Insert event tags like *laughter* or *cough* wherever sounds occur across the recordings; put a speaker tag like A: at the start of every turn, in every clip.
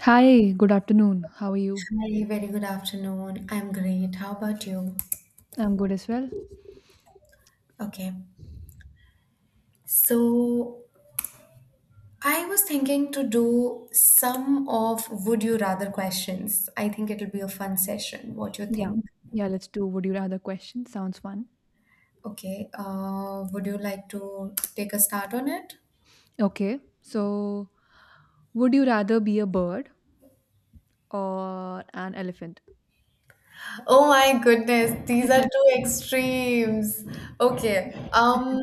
A: Hi, good afternoon. How are you?
B: Hi, very good afternoon. I'm great. How about you?
A: I'm good as well.
B: Okay. So I was thinking to do some of would you rather questions. I think it'll be a fun session. What you
A: Yeah.
B: think?
A: Yeah, let's do would you rather question. Sounds fun.
B: Okay. Would you like to take a start on it?
A: Okay. So, would you rather be a bird or an elephant?
B: Oh my goodness, these are two
A: *laughs*
B: extremes. Okay.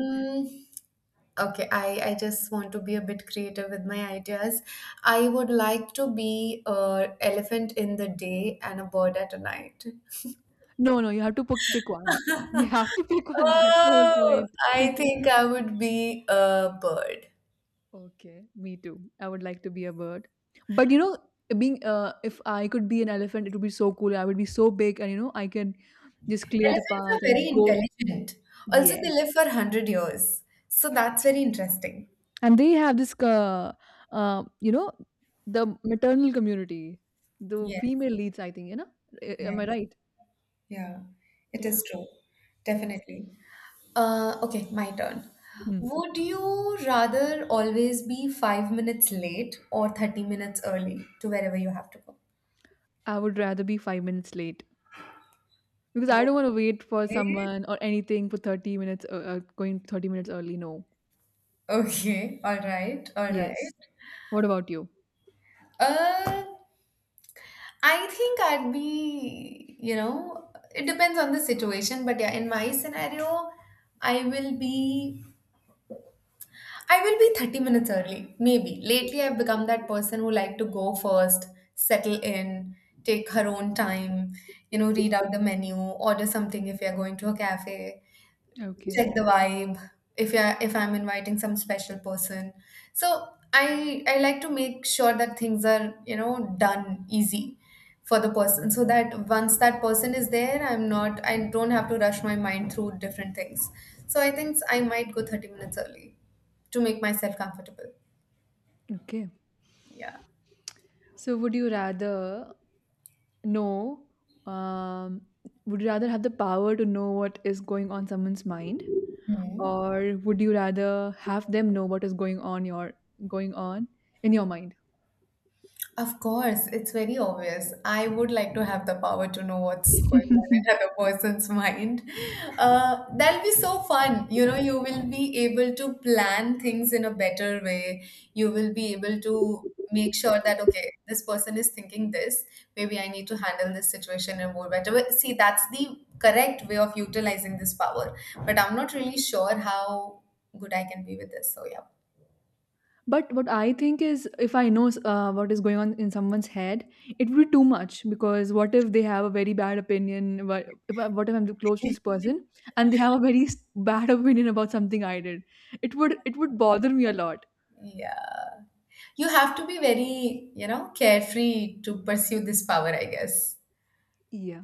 B: Okay, I just want to be a bit creative with my ideas. I would like to be a elephant in the day and a bird at a night.
A: No, no, you have to pick one. You have to pick one. That's the whole
B: Oh,
A: point.
B: I
A: *laughs*
B: think I would be a bird.
A: Okay, me too. I would like to be a bird. But you know, being, if I could be an elephant, it would be so cool. I would be so big, and you know, I can just clear the
B: Elephants
A: path
B: are
A: and
B: very
A: go.
B: intelligent. Also,
A: Yeah.
B: they live for 100 years. So that's very interesting.
A: And they have this, uh, you know the maternal community, the
B: Yes,
A: female leads, I think, you know. A- am I
B: yes.
A: right?
B: Yeah, it
A: Yeah.
B: is true.
A: Yes.
B: Definitely. Okay, my turn.
A: Hmm.
B: Would you rather always be 5 minutes late or 30 minutes early to wherever you have to go?
A: I would rather be 5 minutes late because I don't want to wait for
B: Okay,
A: someone or anything for 30 minutes. Going 30 minutes early, no.
B: okay, all right, all
A: Yes.
B: right.
A: What about you?
B: Uh, I think I'd be, you know, it depends on the situation, but yeah, in my scenario, I will be I will be 30 minutes early, maybe. Lately, I've become that person who like to go first, settle in, take her own time, you know, read out the menu, order something if we are going to a cafe,
A: Okay.
B: check the vibe if I if I'm inviting some special person. So I like to make sure that things are, you know, done easy for the person so that once that person is there I don't have to rush my mind through different things. So I think I might go 30 minutes early to make myself comfortable.
A: Okay,
B: Yeah.
A: so would you rather, No, um, would you rather have the power to know what is going on someone's mind,
B: Mhm.
A: or would you rather have them know what is going on going on in your mind?
B: Of course, it's very obvious. I would like to have the power to know what's going on in another
A: *laughs*
B: *laughs* person's mind. That'll be so fun. You know, you will be able to plan things in a better way. You will be able to make sure that, okay, this person is thinking this. Maybe I need to handle this situation in a more better way. See, that's the correct way of utilizing this power. But I'm not really sure how good I can be with this. So, yeah.
A: But what I think is, if I know what is going on in someone's head, it would be too much. Because what if they have a very bad opinion? What if I'm close to this person and they have a very bad *laughs* opinion about something I did? It would bother me a lot.
B: Yeah. You have to be very, you know, carefree to pursue this power, I guess.
A: Yeah.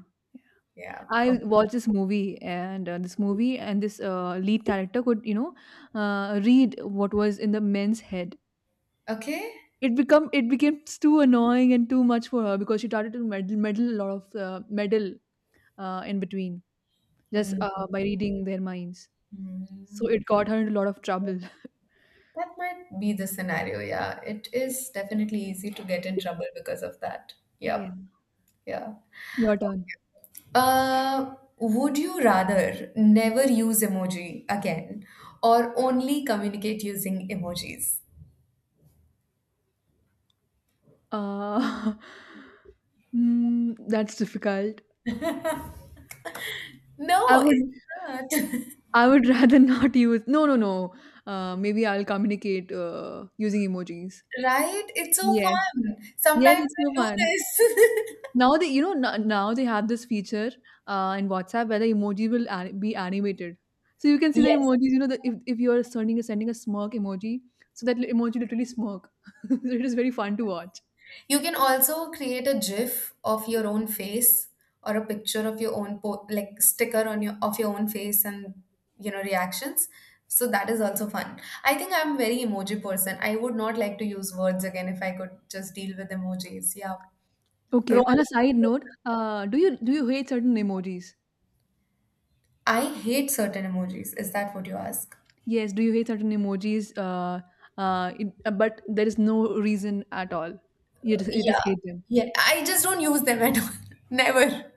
B: Yeah.
A: I
B: O-
A: watched this movie, and this lead character could, you know, read what was in the men's head.
B: Okay.
A: It became too annoying and too much for her because she started to meddle, meddle a lot of meddle in between, just
B: Mm,
A: by reading their minds. So
B: mm.
A: it got her into a lot of trouble. *laughs*
B: That might be the scenario. Yeah. It is definitely easy to get in trouble because of that.
A: Yeah,
B: Yep. Yeah.
A: your turn.
B: Would you rather never use emoji again or only communicate using emojis?
A: Uh, *laughs* that's difficult. I
B: No,
A: would
B: it's not. *laughs*
A: I would *laughs* rather not use. No, no, no. Maybe I'll communicate using emojis.
B: Right? It's so
A: Yes.
B: fun.
A: Yes,
B: Sometimes
A: it's
B: I
A: so
B: do
A: fun.
B: this.
A: Now they, you know, now they have this feature in WhatsApp where the emoji will be animated. So you can see
B: *laughs*
A: the
B: Yes.
A: emojis. You know, if you are sending a smirk emoji, so that emoji literally smirk. *laughs* So it is very fun to watch.
B: You can also create a GIF of your own face or a picture of your own po- like sticker on your of your own face and you know reactions. So that is also fun. I think I'm very emoji person. I would not like to use words again if I could just deal with emojis. Yeah,
A: Okay.
B: pro
A: On a side
B: emoji.
A: note, do you hate certain emojis?
B: I hate certain emojis. Is that what you ask?
A: Yes. Do you hate certain emojis? But there is no reason at all. You just
B: Yeah,
A: hate them.
B: yeah. I just don't use them at all. *laughs* Never.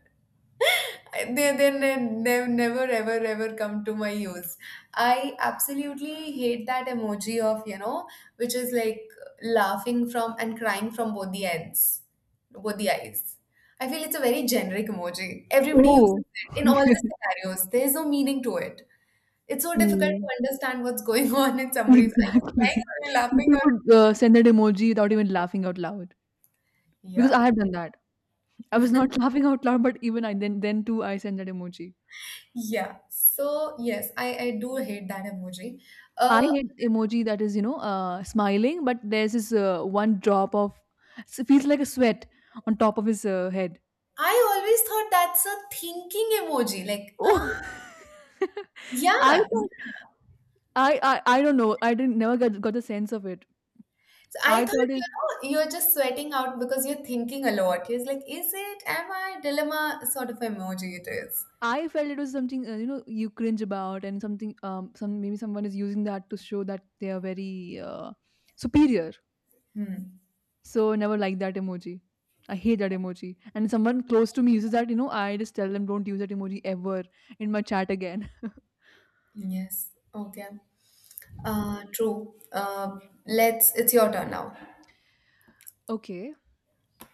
B: They've never ever ever come to my use. I absolutely hate that emoji of, you know, which is like laughing from and crying from both the ends, both the eyes. I feel it's a very generic emoji. Everybody
A: Oh.
B: uses it in all the
A: *laughs*
B: scenarios. There's no meaning to it. It's so difficult
A: Mm.
B: to understand what's going *laughs* on in somebody's. Are you crying
A: Exactly.
B: or are you
A: *laughs*
B: laughing
A: People
B: or
A: would send that emoji without even laughing out loud, because
B: yeah,
A: I have done that. I was not *laughs* laughing out loud, but even I then too I send that emoji.
B: yeah so yes, I do hate that emoji.
A: I
B: uh
A: hate emoji that is, you know, smiling, but there's this one drop of, it feels like a sweat on top of his head.
B: I always thought that's a thinking emoji. Like,
A: Oh. *laughs* I
B: yeah. So
A: thought, I don't know. I didn't never got the sense of it.
B: I
A: I thought it's,
B: thought, you know, you're just sweating out because you're thinking a lot. It's like, is it, am I, dilemma sort of emoji it is.
A: I felt it was something, you know, you cringe about, and something, some, maybe someone is using that to show that they are very superior.
B: Hmm.
A: So I never like that emoji. I hate that emoji. And someone close to me uses that, you know, I just tell them, don't use that emoji ever in my chat again. *laughs*
B: Yes. Okay. True. It's your turn now.
A: Okay.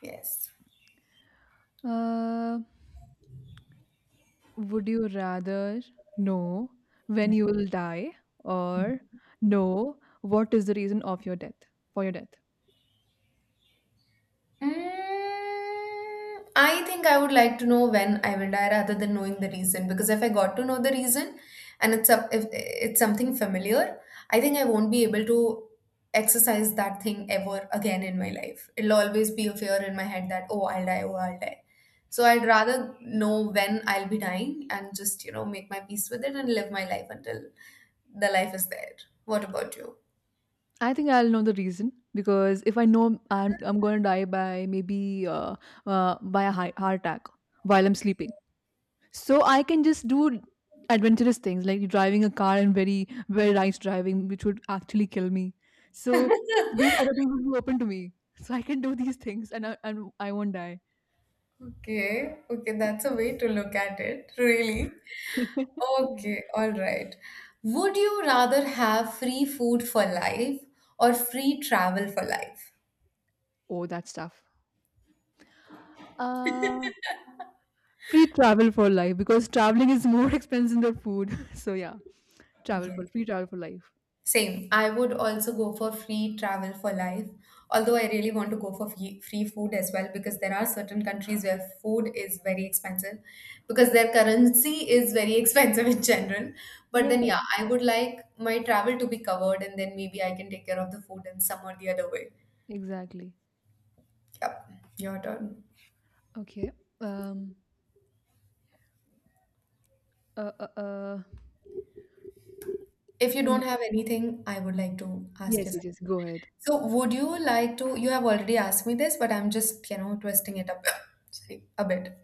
B: Yes.
A: Uh, would you rather know when you will die, or know what is the reason of your death, for your death?
B: Mm, I think I would like to know when I will die rather than knowing the reason because if I got to know the reason and it's up if it's something familiar, I think I won't be able to exercise that thing ever again in my life. It'll always be a fear in my head that oh I'll die, oh I'll die. So I'd rather know when I'll be dying and just, you know, make my peace with it and live my life until the life is there. What about you?
A: I think I'll know the reason, because if I know I'm going to die by maybe by a heart attack while I'm sleeping, so I can just do adventurous things, like driving a car and very very nice driving, which would actually kill me. So these other things
B: *laughs*
A: would be open to me, so I can do these things and and I won't die.
B: Okay, okay, that's a way to look at it, really.
A: *laughs* Yeah.
B: Okay, all right. Would you rather have free food for life or free travel for life?
A: Oh, that's tough. Uh, Free travel for life, because traveling is more *laughs* expensive than food. *laughs* So yeah, travel
B: Yes.
A: for free travel for life.
B: Same. I would also go for free travel for life. Although I really want to go for free, free food as well because there are certain countries where food is very expensive because their currency is very *laughs* expensive in general. But then,
A: Yeah.
B: yeah, I would like my travel to be covered and then maybe I can take care of the food in some or the other way.
A: Exactly.
B: Yep, your turn.
A: Okay. Um. Uh. Uh. uh
B: If you
A: mm,
B: don't have anything, I would like to ask
A: yes.
B: you
A: Yes.
B: something.
A: Yes. Go ahead.
B: So would you like to, you have already asked me this, but I'm just, you know, twisting it up, *laughs* *coughs* sorry, a bit.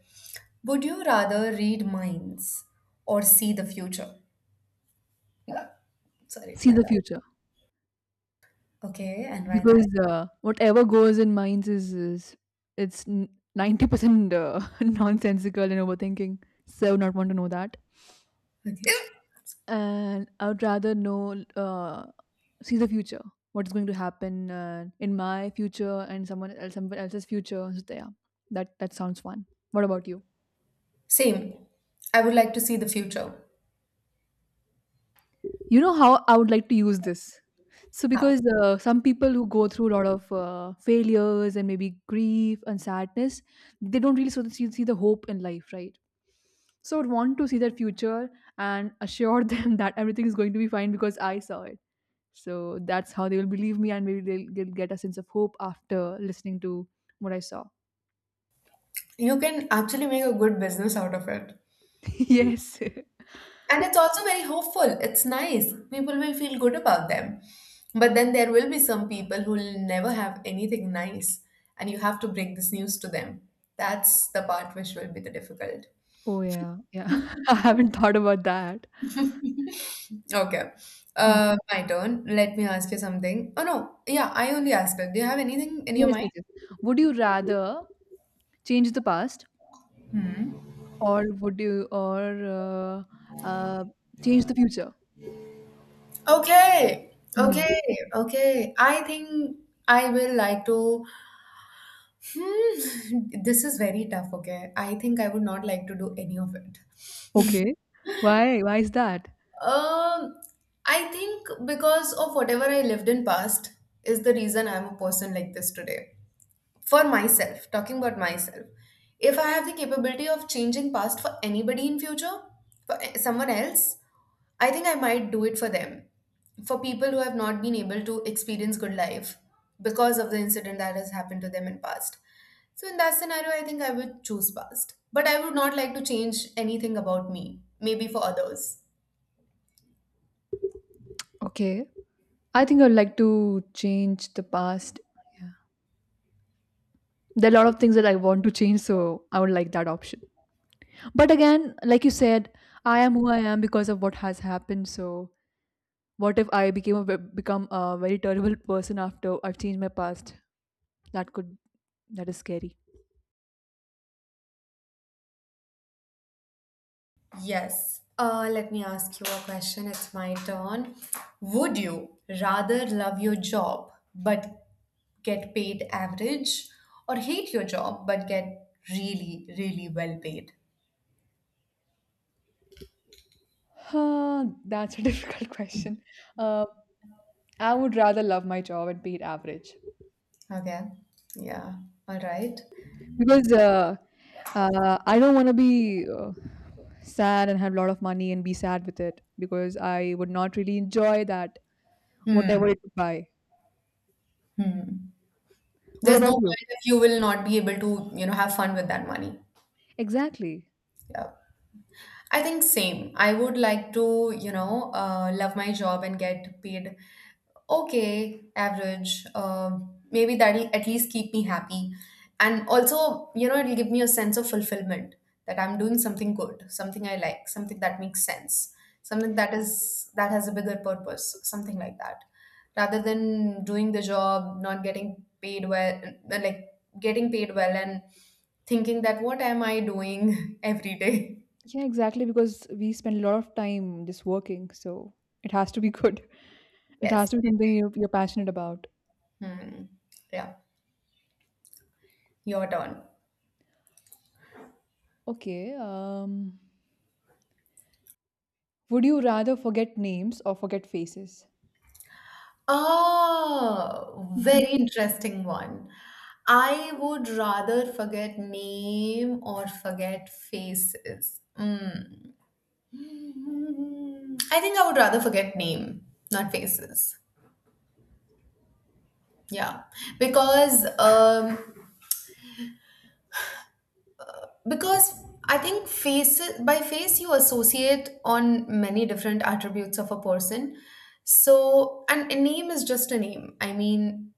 B: Would you rather read minds or see the future? Yeah. Sorry,
A: See
B: my
A: the
B: bad.
A: future,
B: Okay, and why that?
A: because whatever goes in minds is it's 90% *laughs* nonsensical and overthinking. So I would not want to know that.
B: Okay.
A: And I would rather know. See the future. What's going to happen in my future and someone else, someone else's future? So yeah, that sounds fun. What about you?
B: Same. I would like to see the future.
A: You know how I would like to use this. So,
B: How?
A: because some people who go through a lot of failures and maybe grief and sadness, they don't really sort of see the hope in life, right? So, I would want to see their future and assure *laughs* them that everything is going to be fine because I saw it. So, that's how they will believe me, and maybe they'll get a sense of hope after listening to what I saw.
B: You can actually make a good business out of it.
A: *laughs* Yes. *laughs*
B: And it's also very hopeful. It's nice. People will feel good about them. But then there will be some people who will never have anything nice, and you have to bring this news to them. That's the part which will be the difficult.
A: Oh, yeah. Yeah. *laughs* I haven't thought about that.
B: Okay.
A: Mm.
B: My turn. Let me ask you something. Oh no, yeah, I only asked it. Do you have anything in your
A: Yes,
B: mind?
A: yes, yes. Would you rather change the past,
B: Hmm.
A: or would you, or uh, change the future?
B: Okay,
A: Hmm.
B: okay, okay. I think I will like to. Hmm, *laughs* this is very tough. Okay, I think I would not like to do any of it.
A: Okay. Why? Why is that?
B: Um, I think because of whatever I lived in past is the reason I'm a person like this today. For myself, talking about myself, if I have the capability of changing past for anybody in future, for a- someone else, I think I might do it for them. For people who have not been able to experience good life because of the incident that has happened to them in past. So in that scenario, I think I would choose past. But I would not like to change anything about me, maybe for others.
A: Okay. I think I'd like to change the past. Yeah. There are a lot of things that I want to change, so I would like that option. But again, like you said, I am who I am because of what has happened. So what if I become a very terrible person after I've changed my past? That could that is scary.
B: Yes. Let me ask you a question. It's my turn. Would you rather love your job but get paid average or hate your job but get really, really well paid?
A: Huh, that's a *laughs* difficult question. Uh, I would rather love my job and be average
B: Okay. Yeah. All right.
A: because I don't want to be sad and have a lot of money and be sad with it, because I would not really enjoy that whatever it would buy.
B: Hmm.
A: What
B: There's no
A: about you?
B: point if you will not be able to, you know, have fun with that money.
A: Exactly.
B: Yeah. I think same. I would like to, you know, love my job and get paid okay, average. Maybe that'll at least keep me happy. And also, you know, it'll give me a sense of fulfillment that I'm doing something good, something I like, something that makes sense, something that has a bigger purpose, something like that. Rather than doing the job, not getting paid well, like getting paid well and thinking that what am I doing *laughs* every day?
A: Yeah, exactly. Because we spend a lot of time just working, so it has to be good. *laughs* It has
B: Yes.
A: to be something you're passionate about.
B: Hmm. Yeah, your turn.
A: Okay. Would you rather forget names or forget faces?
B: Oh, very
A: *laughs*
B: interesting one. I would rather forget name or forget faces. Mm. I think I would rather forget name, not faces. Yeah, because um, because I think faces, by face you associate on many different attributes of a person. So, and a name is just a name. I mean,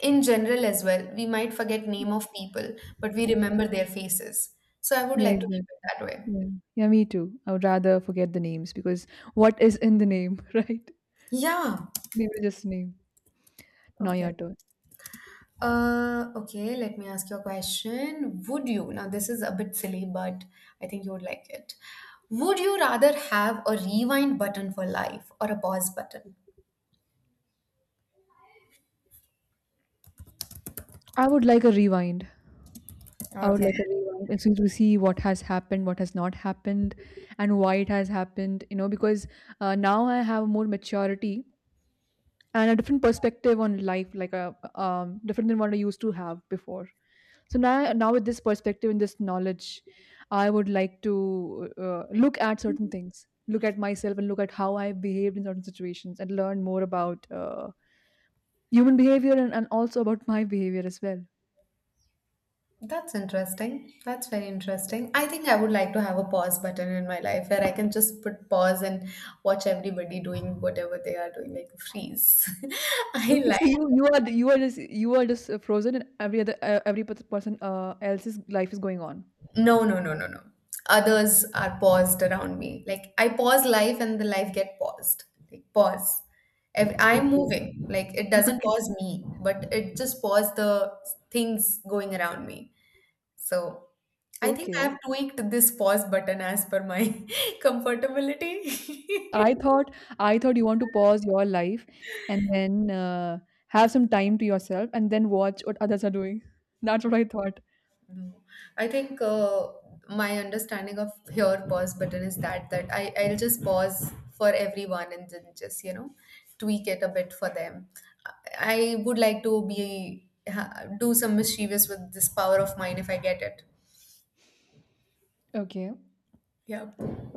B: in general as well we might forget name of people but we remember their faces, so I would
A: Yeah,
B: like to keep
A: exactly.
B: it that way.
A: Yeah. Yeah, me too. I would rather forget the names, because what is in the name, *laughs* right?
B: Yeah,
A: Name is just name. Now your
B: okay.
A: turn.
B: Okay Let me ask you a question. Would you, now this is a bit silly but I think you would like it, would you rather have a rewind button for life or a pause button?
A: I would like a rewind. I would
B: Okay.
A: like a rewind, and so to see what has happened, what has not happened, and why it has happened. You know, because now I have more maturity and a different perspective on life, like a, different than what I used to have before. So now with this perspective and this knowledge, I would like to look at certain things, look at myself, and look at how I behaved in certain situations, and learn more about human behavior, and also about my behavior as well.
B: That's interesting. That's very interesting. I think I would like to have a pause button in my life where I can just put pause and watch everybody doing whatever they are doing, like freeze. *laughs* I
A: Okay, so
B: like,
A: you are, you are just frozen, and every other, person else's life is going on?
B: no. Others are paused around me. Like I pause life and the life get paused. Like pause. If I'm
A: Okay.
B: moving. Like it doesn't
A: Okay.
B: pause me, but it just pause the things going around me. So I think I
A: Okay,
B: have tweaked this pause button as per my *laughs* comfortability. *laughs*
A: I thought, you want to pause your life and then have some time to yourself and then watch what others are doing. *laughs* That's what I thought.
B: No, I think my understanding of here pause button is that I I'll just pause for everyone and then just, you know, tweak it a bit for them. I would like to be ha, do some mischievous with this power of mine if I get it.
A: Okay.
B: Yeah.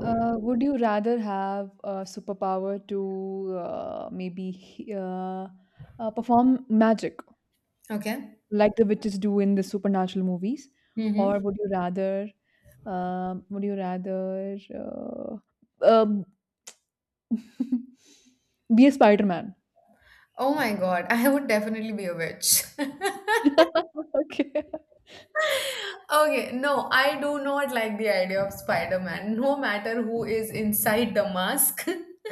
A: Would you rather have a superpower to perform magic
B: Okay.
A: like the witches do in the supernatural movies,
B: Mm-hmm.
A: or would you rather, um, would you rather uh, um, *laughs* be a Spider-Man?
B: Oh my God, *laughs* I would definitely be a witch. *laughs*
A: *laughs* Okay.
B: Okay, no, I do not like the idea of Spider-Man, no matter who is inside the mask. *laughs*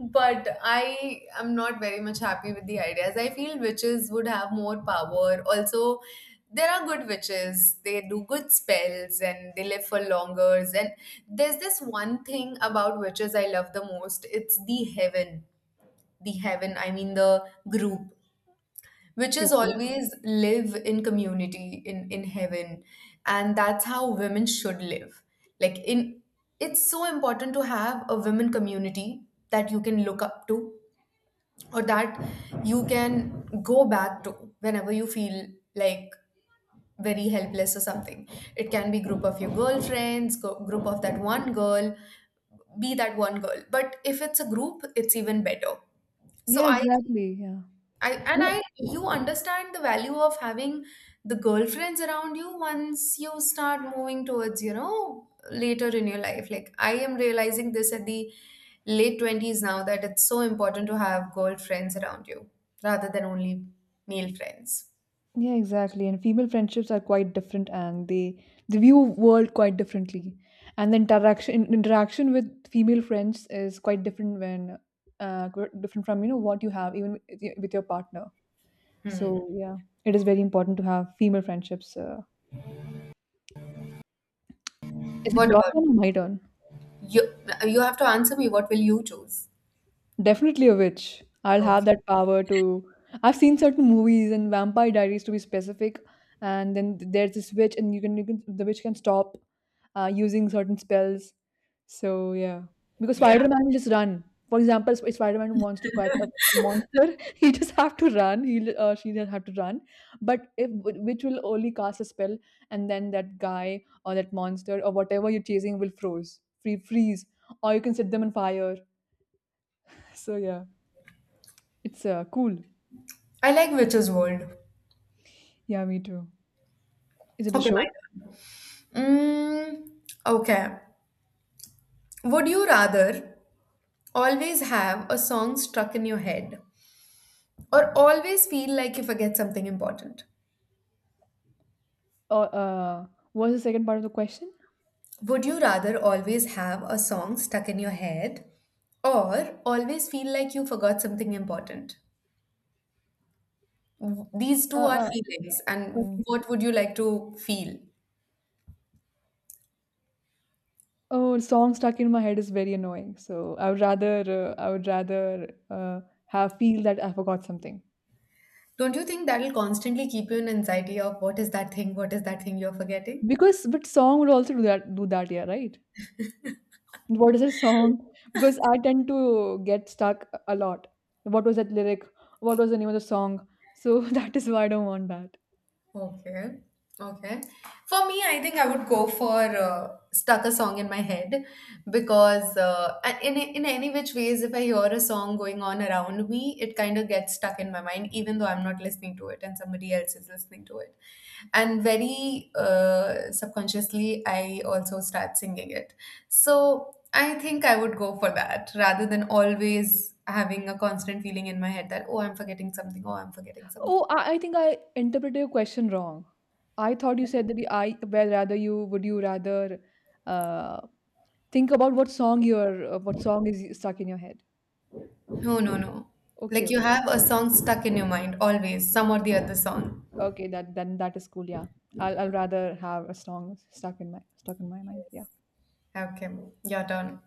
B: But I am not very much happy with the ideas. I feel witches would have more power. Also, there are good witches. They do good spells and they live for longer. And there's this one thing about witches I love the most. It's the heaven. The heaven, I mean the group, witches
A: Okay.
B: always live in community in heaven, and that's how women should live, like, in, it's so important to have a women community that you can look up to, or that you can go back to whenever you feel like, very helpless or something. It can be group of your girlfriends go, group of that one girl, be that one girl, but if it's a group it's even better. so
A: Yeah,
B: i
A: exactly. Yeah.
B: I and
A: You know,
B: I, you understand the value of having the girlfriends around you once you start moving towards, later in your life. Like I am realizing this at the late 20s now, that it's so important to have girlfriends around you rather than only male friends.
A: yeah, exactly. And female friendships are quite different, and they view world quite differently. And the interaction with female friends is quite different when, different from, you know, what you have even with your, partner. So yeah, it is very important to have female friendships. Is it
B: What
A: your
B: about
A: turn or my turn?
B: you? You have to answer me. What will you choose?
A: Definitely a witch. I'll have
B: Okay.
A: that power to. I've seen certain movies, and Vampire Diaries to be specific, and then there's this witch, and you can, the witch can stop using certain spells. So yeah, because
B: Yeah.
A: Spider-Man will just run. For example, if Spider-Man wants to catch a monster, *laughs* he just have to run. He, she just have to run. But if witch will only cast a spell, and then that guy or that monster or whatever you're chasing will froze, free freeze, or you can set them on fire. So yeah. It's cool.
B: I like Witch's World.
A: Yeah, me too. Is it a
B: Okay, my
A: show?
B: turn. Mm, okay. Would you rather always have a song stuck in your head, or always feel like you forget something important?
A: Or What's the second part of the question?
B: Would you rather always have a song stuck in your head, or always feel like you forgot something important? These
A: Uh,
B: two are
A: uh,
B: feelings, and
A: okay.
B: what would you like to feel?
A: Oh, song stuck in my head is very annoying. So I would rather, have, feel that I forgot something.
B: Don't you think that'll constantly keep you in anxiety of what is that thing, what is that thing you're forgetting?
A: Because but song would also do that, yeah, right? What is a song? Because I tend to get stuck a lot. What was that lyric? What was the name of the song? So *laughs* that is why I don't want that.
B: Okay. Okay. For me, I think I would go for stuck a song in my head, because in any which ways, if I hear a song going on around me, it kind of gets stuck in my mind, even though I'm not listening to it and somebody else is listening to it. And very subconsciously, I also start singing it. So I think I would go for that rather than always having a constant feeling in my head that, oh, I'm forgetting something, oh, I'm forgetting something.
A: Oh, I think I interpreted your question wrong. I thought you said that the I where rather you would you rather uh, think about what song is stuck in your head.
B: No, no, no.
A: Okay,
B: Like you
A: okay,
B: have a song stuck in your mind always, some or the other song.
A: okay. That then that is cool. Yeah, I'll rather have a song stuck in my mind. Yeah.
B: Okay, your turn.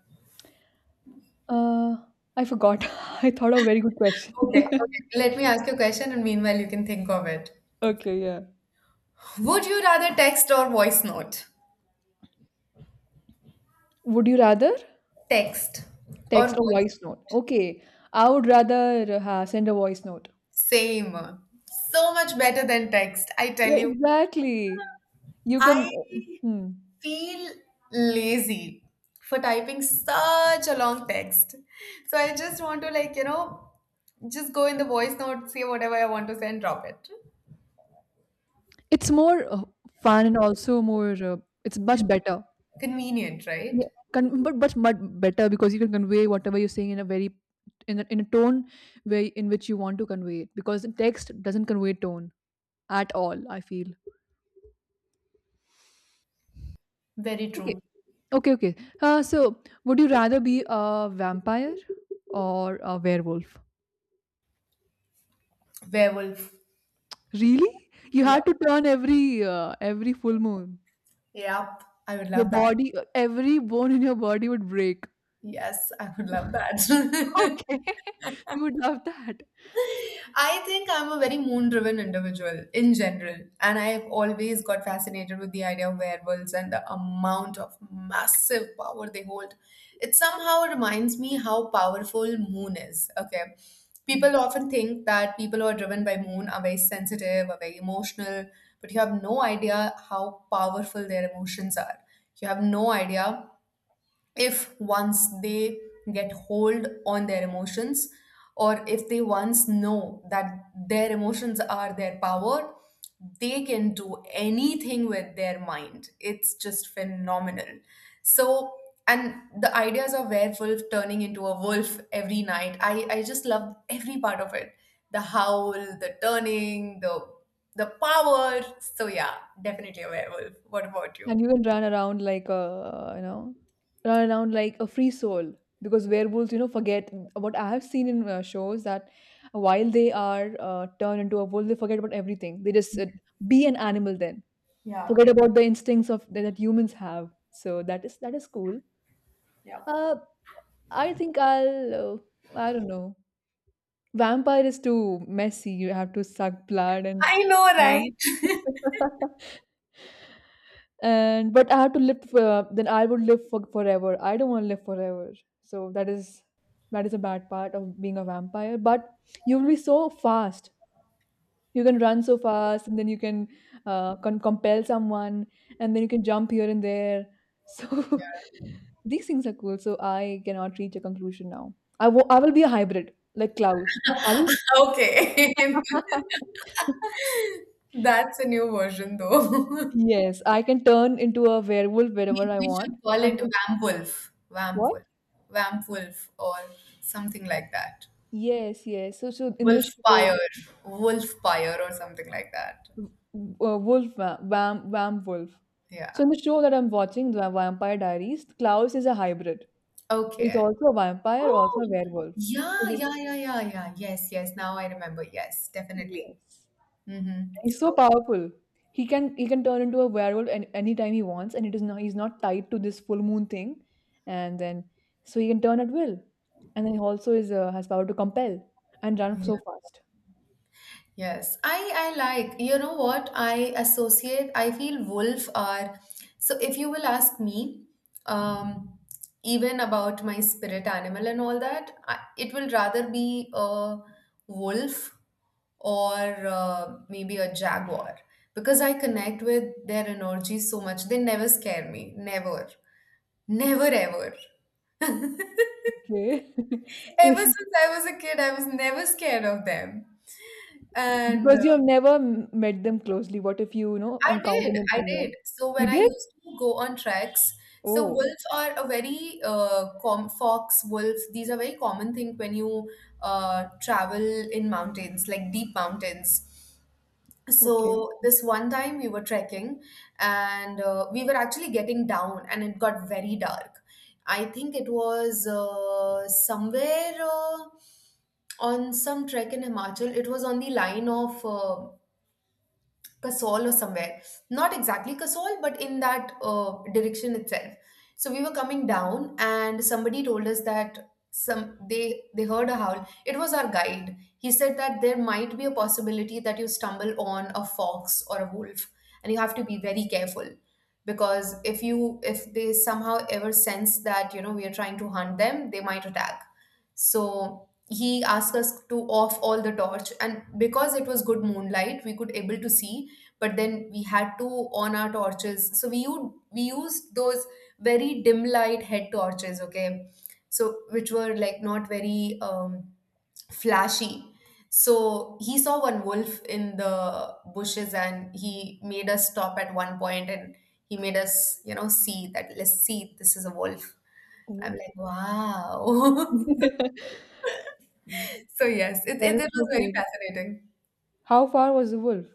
A: Uh, I forgot. *laughs* I thought a very good question.
B: Okay, okay.
A: *laughs*
B: Let me ask you a question, and meanwhile you can think of it.
A: Okay, yeah.
B: Would you rather text or voice note?
A: Would you rather
B: Text or
A: text or
B: voice.
A: voice note? Okay, I would rather send a voice note.
B: Same. So much better than text, I tell
A: Yeah,
B: you.
A: exactly. You can.
B: I
A: Hmm.
B: feel lazy for typing such a long text. So I just want to, like, just go in the voice note, say whatever I want to say and drop it.
A: It's more fun and also more it's much
B: Con-
A: better.
B: Convenient, right?
A: Yeah. But much much better because you can convey whatever you're saying in a very in a tone way in which you want to convey it because the text doesn't convey tone at all, I feel.
B: Very
A: Okay.
B: true.
A: Okay, okay. So would you rather be a vampire or a werewolf?
B: Werewolf.
A: Really? You
B: Yeah.
A: had to turn every full moon.
B: Yep. I would
A: Your
B: love that.
A: body, every bone in your body would break.
B: Yes, I would love
A: *laughs*
B: that.
A: Okay.
B: *laughs*
A: *laughs* You would love that.
B: I think I'm a very moon driven individual in general, and I've always got fascinated with the idea of werewolves and the amount of massive power they hold. It somehow reminds me how powerful moon is. Okay.
A: Mhm.
B: People often think that people who are driven by moon are very sensitive, are very emotional, but you have no idea how powerful their emotions are. You have no idea, if once they get hold on their emotions, or if they once know that their emotions are their power, they can do anything with their mind. It's just phenomenal. So, and the ideas of werewolf turning into a wolf every night, I just love every part of it: the howl, the turning, the power. So yeah, definitely a werewolf. What about you?
A: And you can run around like a, you know, run around like a free soul because werewolves, you know, forget what I have seen in shows that while they are turned into a wolf, they forget about everything. They just be an animal then,
B: Yeah,
A: forget about the instincts of that humans have. So that is cool.
B: yeah.
A: Uh, I think I don't know. Vampire is too messy. You have to suck blood and
B: I know,
A: stuff.
B: right?
A: *laughs* And but I have to live for, then I would live for forever. I don't want to live forever. So that is a bad part of being a vampire. But you will be so fast. You can run so fast, and then you can compel someone, and then you can jump here and there. So *laughs* these things are cool. So I cannot reach a conclusion now. I will be a hybrid like Klaus. Are we?
B: Okay. *laughs* That's a new version though. *laughs*
A: Yes, I can turn into a werewolf whenever
B: We,
A: I
B: we
A: want.
B: should call
A: And
B: it
A: then
B: Vamp Wolf. Vamp
A: what?
B: Wolf. Vamp Wolf or something like that.
A: Yes, yes. So in this show,
B: Wolfpire. Wolfpire or something like that.
A: Wham Wolf. So
B: Yeah.
A: in the show that I'm watching, the Vampire Diaries, Klaus is a hybrid. So he's
B: Okay.
A: also a vampire, also
B: Oh,
A: a werewolf. So
B: yeah,
A: they,
B: yeah, yeah, yeah, yeah. Yes, yes. Now I remember. Yes, definitely.
A: yes.
B: Mm-hmm.
A: He's so powerful. He can turn into a werewolf anytime he wants, and it is not he's not tied to this full moon thing, and then so he can turn at will, and then he also is has power to compel and run
B: Okay.
A: so fast.
B: Yes, I like. You know what? I associate. I feel wolf are. So if you will ask me, um, even about my spirit animal and all that, I, it will rather be a wolf, or maybe a jaguar, because I connect with their energy so much. They never scare me. Never, never, ever. *laughs*
A: Okay, *laughs*
B: Ever
A: if.
B: since I was a kid, I was never scared of them. And
A: Because you have never m met them closely. What if you, you know,
B: I did,
A: encounter them
B: I
A: somewhere?
B: did. So
A: You
B: when I
A: did?
B: used to go on treks, so
A: Oh,
B: wolves are a very com fox, wolves. These are very common thing when you travel in mountains, like deep mountains.
A: okay.
B: So this one time we were trekking, and we were actually getting down, and it got very dark. I think it was somewhere on some trek in Himachal. It was on the line of Kasol or somewhere. Not exactly Kasol, but in that direction itself. So we were coming down, and somebody told us that some they heard a howl. It was our guide. He said that there might be a possibility that you stumble on a fox or a wolf, and you have to be very careful, because if you, if they somehow ever sense that, you know, we are trying to hunt them, they might attack. So he asked us to off all the torch, and because it was good moonlight, we could able to see, but then we had to on our torches, so we used those very dim light head torches, okay. So which were like not very flashy. So he saw one wolf in the bushes, and he made us stop at one point, and he made us, you know, see that, let's see, this is a wolf. I'm
A: Oh.
B: like, wow. *laughs*
A: *laughs*
B: So yes,
A: That is
B: it was
A: so
B: very
A: cool.
B: fascinating.
A: How far was the wolf?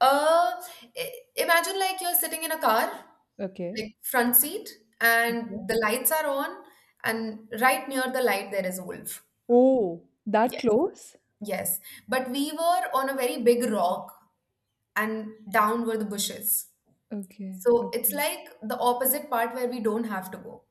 B: uh Imagine like you're sitting in a car,
A: Okay.
B: like front seat, and
A: Okay.
B: the lights are on, and right near the light there is a wolf.
A: Oh, that
B: Yeah.
A: close?
B: Yes, but we were on a very big rock, and down were the bushes.
A: Okay,
B: So it's
A: okay,
B: like the opposite part where we don't have to go,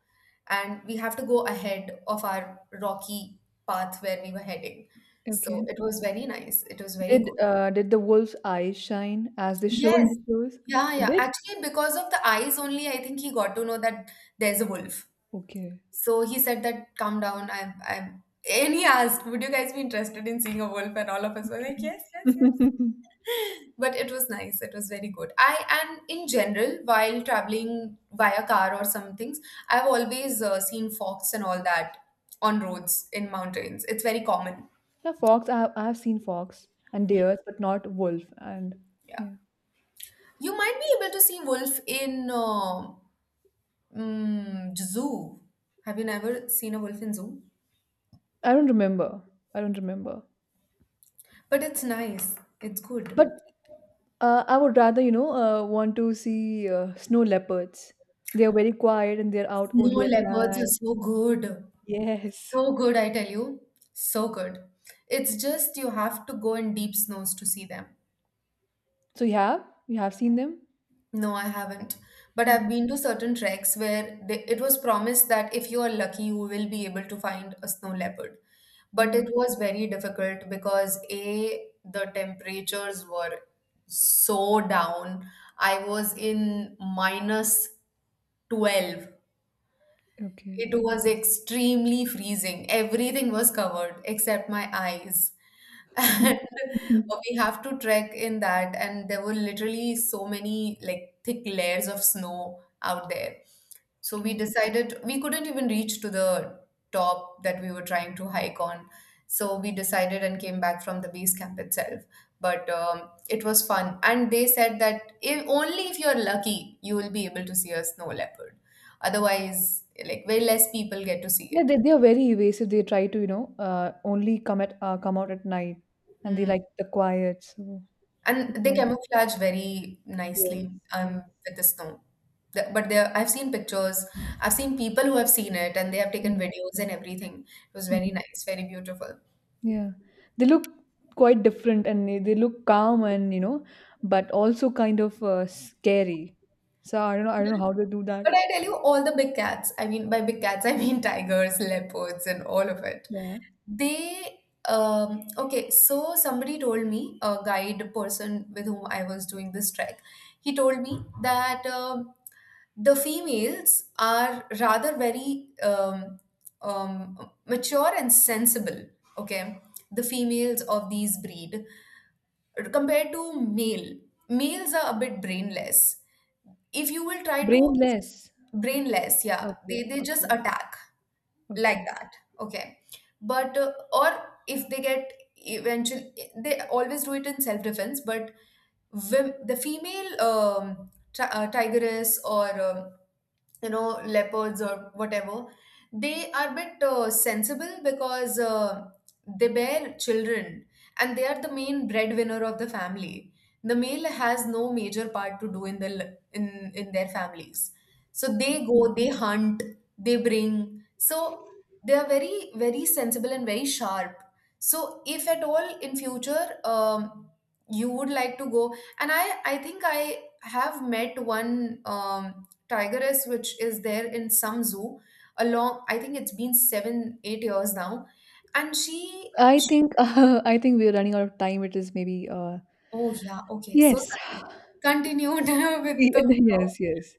B: and we have to go ahead of our rocky path where we were heading. So
A: okay.
B: it was very nice. It was very good.
A: Did the wolf's eyes shine as they show in
B: Yes.
A: the shows?
B: Yeah,
A: It
B: yeah.
A: did?
B: Actually, because of the eyes only, I think he got to know that there's a wolf.
A: Okay.
B: So he said that, calm down, I'm, and he asked, would you guys be interested in seeing a wolf? And all of us were like, yes, yes,
A: *laughs*
B: yes. *laughs* But it was nice. It was very good. I, and in general, while traveling via car or some things, I've always seen fox and all that on roads in mountains. It's very common.
A: Yeah, fox. I have seen fox and deers, but not wolf. And
B: Yeah,
A: yeah,
B: you might be able to see wolf in zoo. Have you never seen a wolf in zoo?
A: I don't remember. I don't remember.
B: But it's nice. It's
A: But
B: good.
A: I would rather, you know, want to see snow leopards. They are very quiet and they're out
B: No,
A: only at
B: leopards are
A: night.
B: so good.
A: Yes.
B: So good, I tell you. So good. It's just you have to go in deep snows to see them.
A: So you have? You have seen them?
B: No, I haven't. But
A: Yeah.
B: I've been to certain treks where they, it was promised that if you are lucky, you will be able to find a snow leopard. But it
A: Mm.
B: was very difficult, because A, the temperatures were so down. I was in minus 12.
A: Okay.
B: It was extremely freezing. Everything was covered except my eyes. And
A: *laughs*
B: *laughs* we have to trek in that, and there were literally so many like thick layers of snow out there. So we
A: Okay.
B: decided, we couldn't even reach to the top that we were trying to hike on. So we decided and came back from the base camp itself. But it was fun, and they said that if only if you're lucky, you will be able to see a snow leopard. Otherwise, like way less people get to see
A: Yeah,
B: it.
A: they are very evasive. They try to, you know, only come at come out at night, and they
B: Hmm.
A: like the quiet. So it
B: And they
A: might.
B: camouflage very
A: Yes.
B: nicely
A: Yes.
B: with the snow. But there, I've seen pictures. I've seen people who have seen it, and they have taken videos and everything. It was
A: Mm.
B: very nice, very beautiful.
A: Yeah, they look quite different and they look calm and you know, but also kind of scary. So I don't know how they do that.
B: But I tell you, all the big cats. I mean, by big cats, I mean tigers, leopards, and all of it.
A: Yeah,
B: They, okay, so somebody told me, a guide person with whom I was doing this trek, he told me that the females are rather very mature and sensible, okay, the females of these breed compared to male. Males are a bit brainless. If you will try to,
A: brainless.
B: brainless, yeah,
A: Okay,
B: they just
A: okay,
B: attack like
A: okay.
B: that, okay. But or if they get, eventually, they always do it in self defense. But the female tigress, or you know, leopards or whatever, they are a bit sensible, because they bear children, and they are the main breadwinner of the family. The male has no major part to do in in their families, so they
A: Mm.
B: go, they hunt, they bring. So they are very very sensible and very sharp. So if at all in future, you would like to go, and I think I have met one tigress which is there in some zoo, along, I think it's been 7 8 years now, and she,
A: I
B: she
A: think *laughs* I think we're running out of time. It is maybe
B: oh yeah, okay, so
A: yes,
B: sorry, continued *laughs*
A: *laughs*
B: with the flow.
A: yes, yes.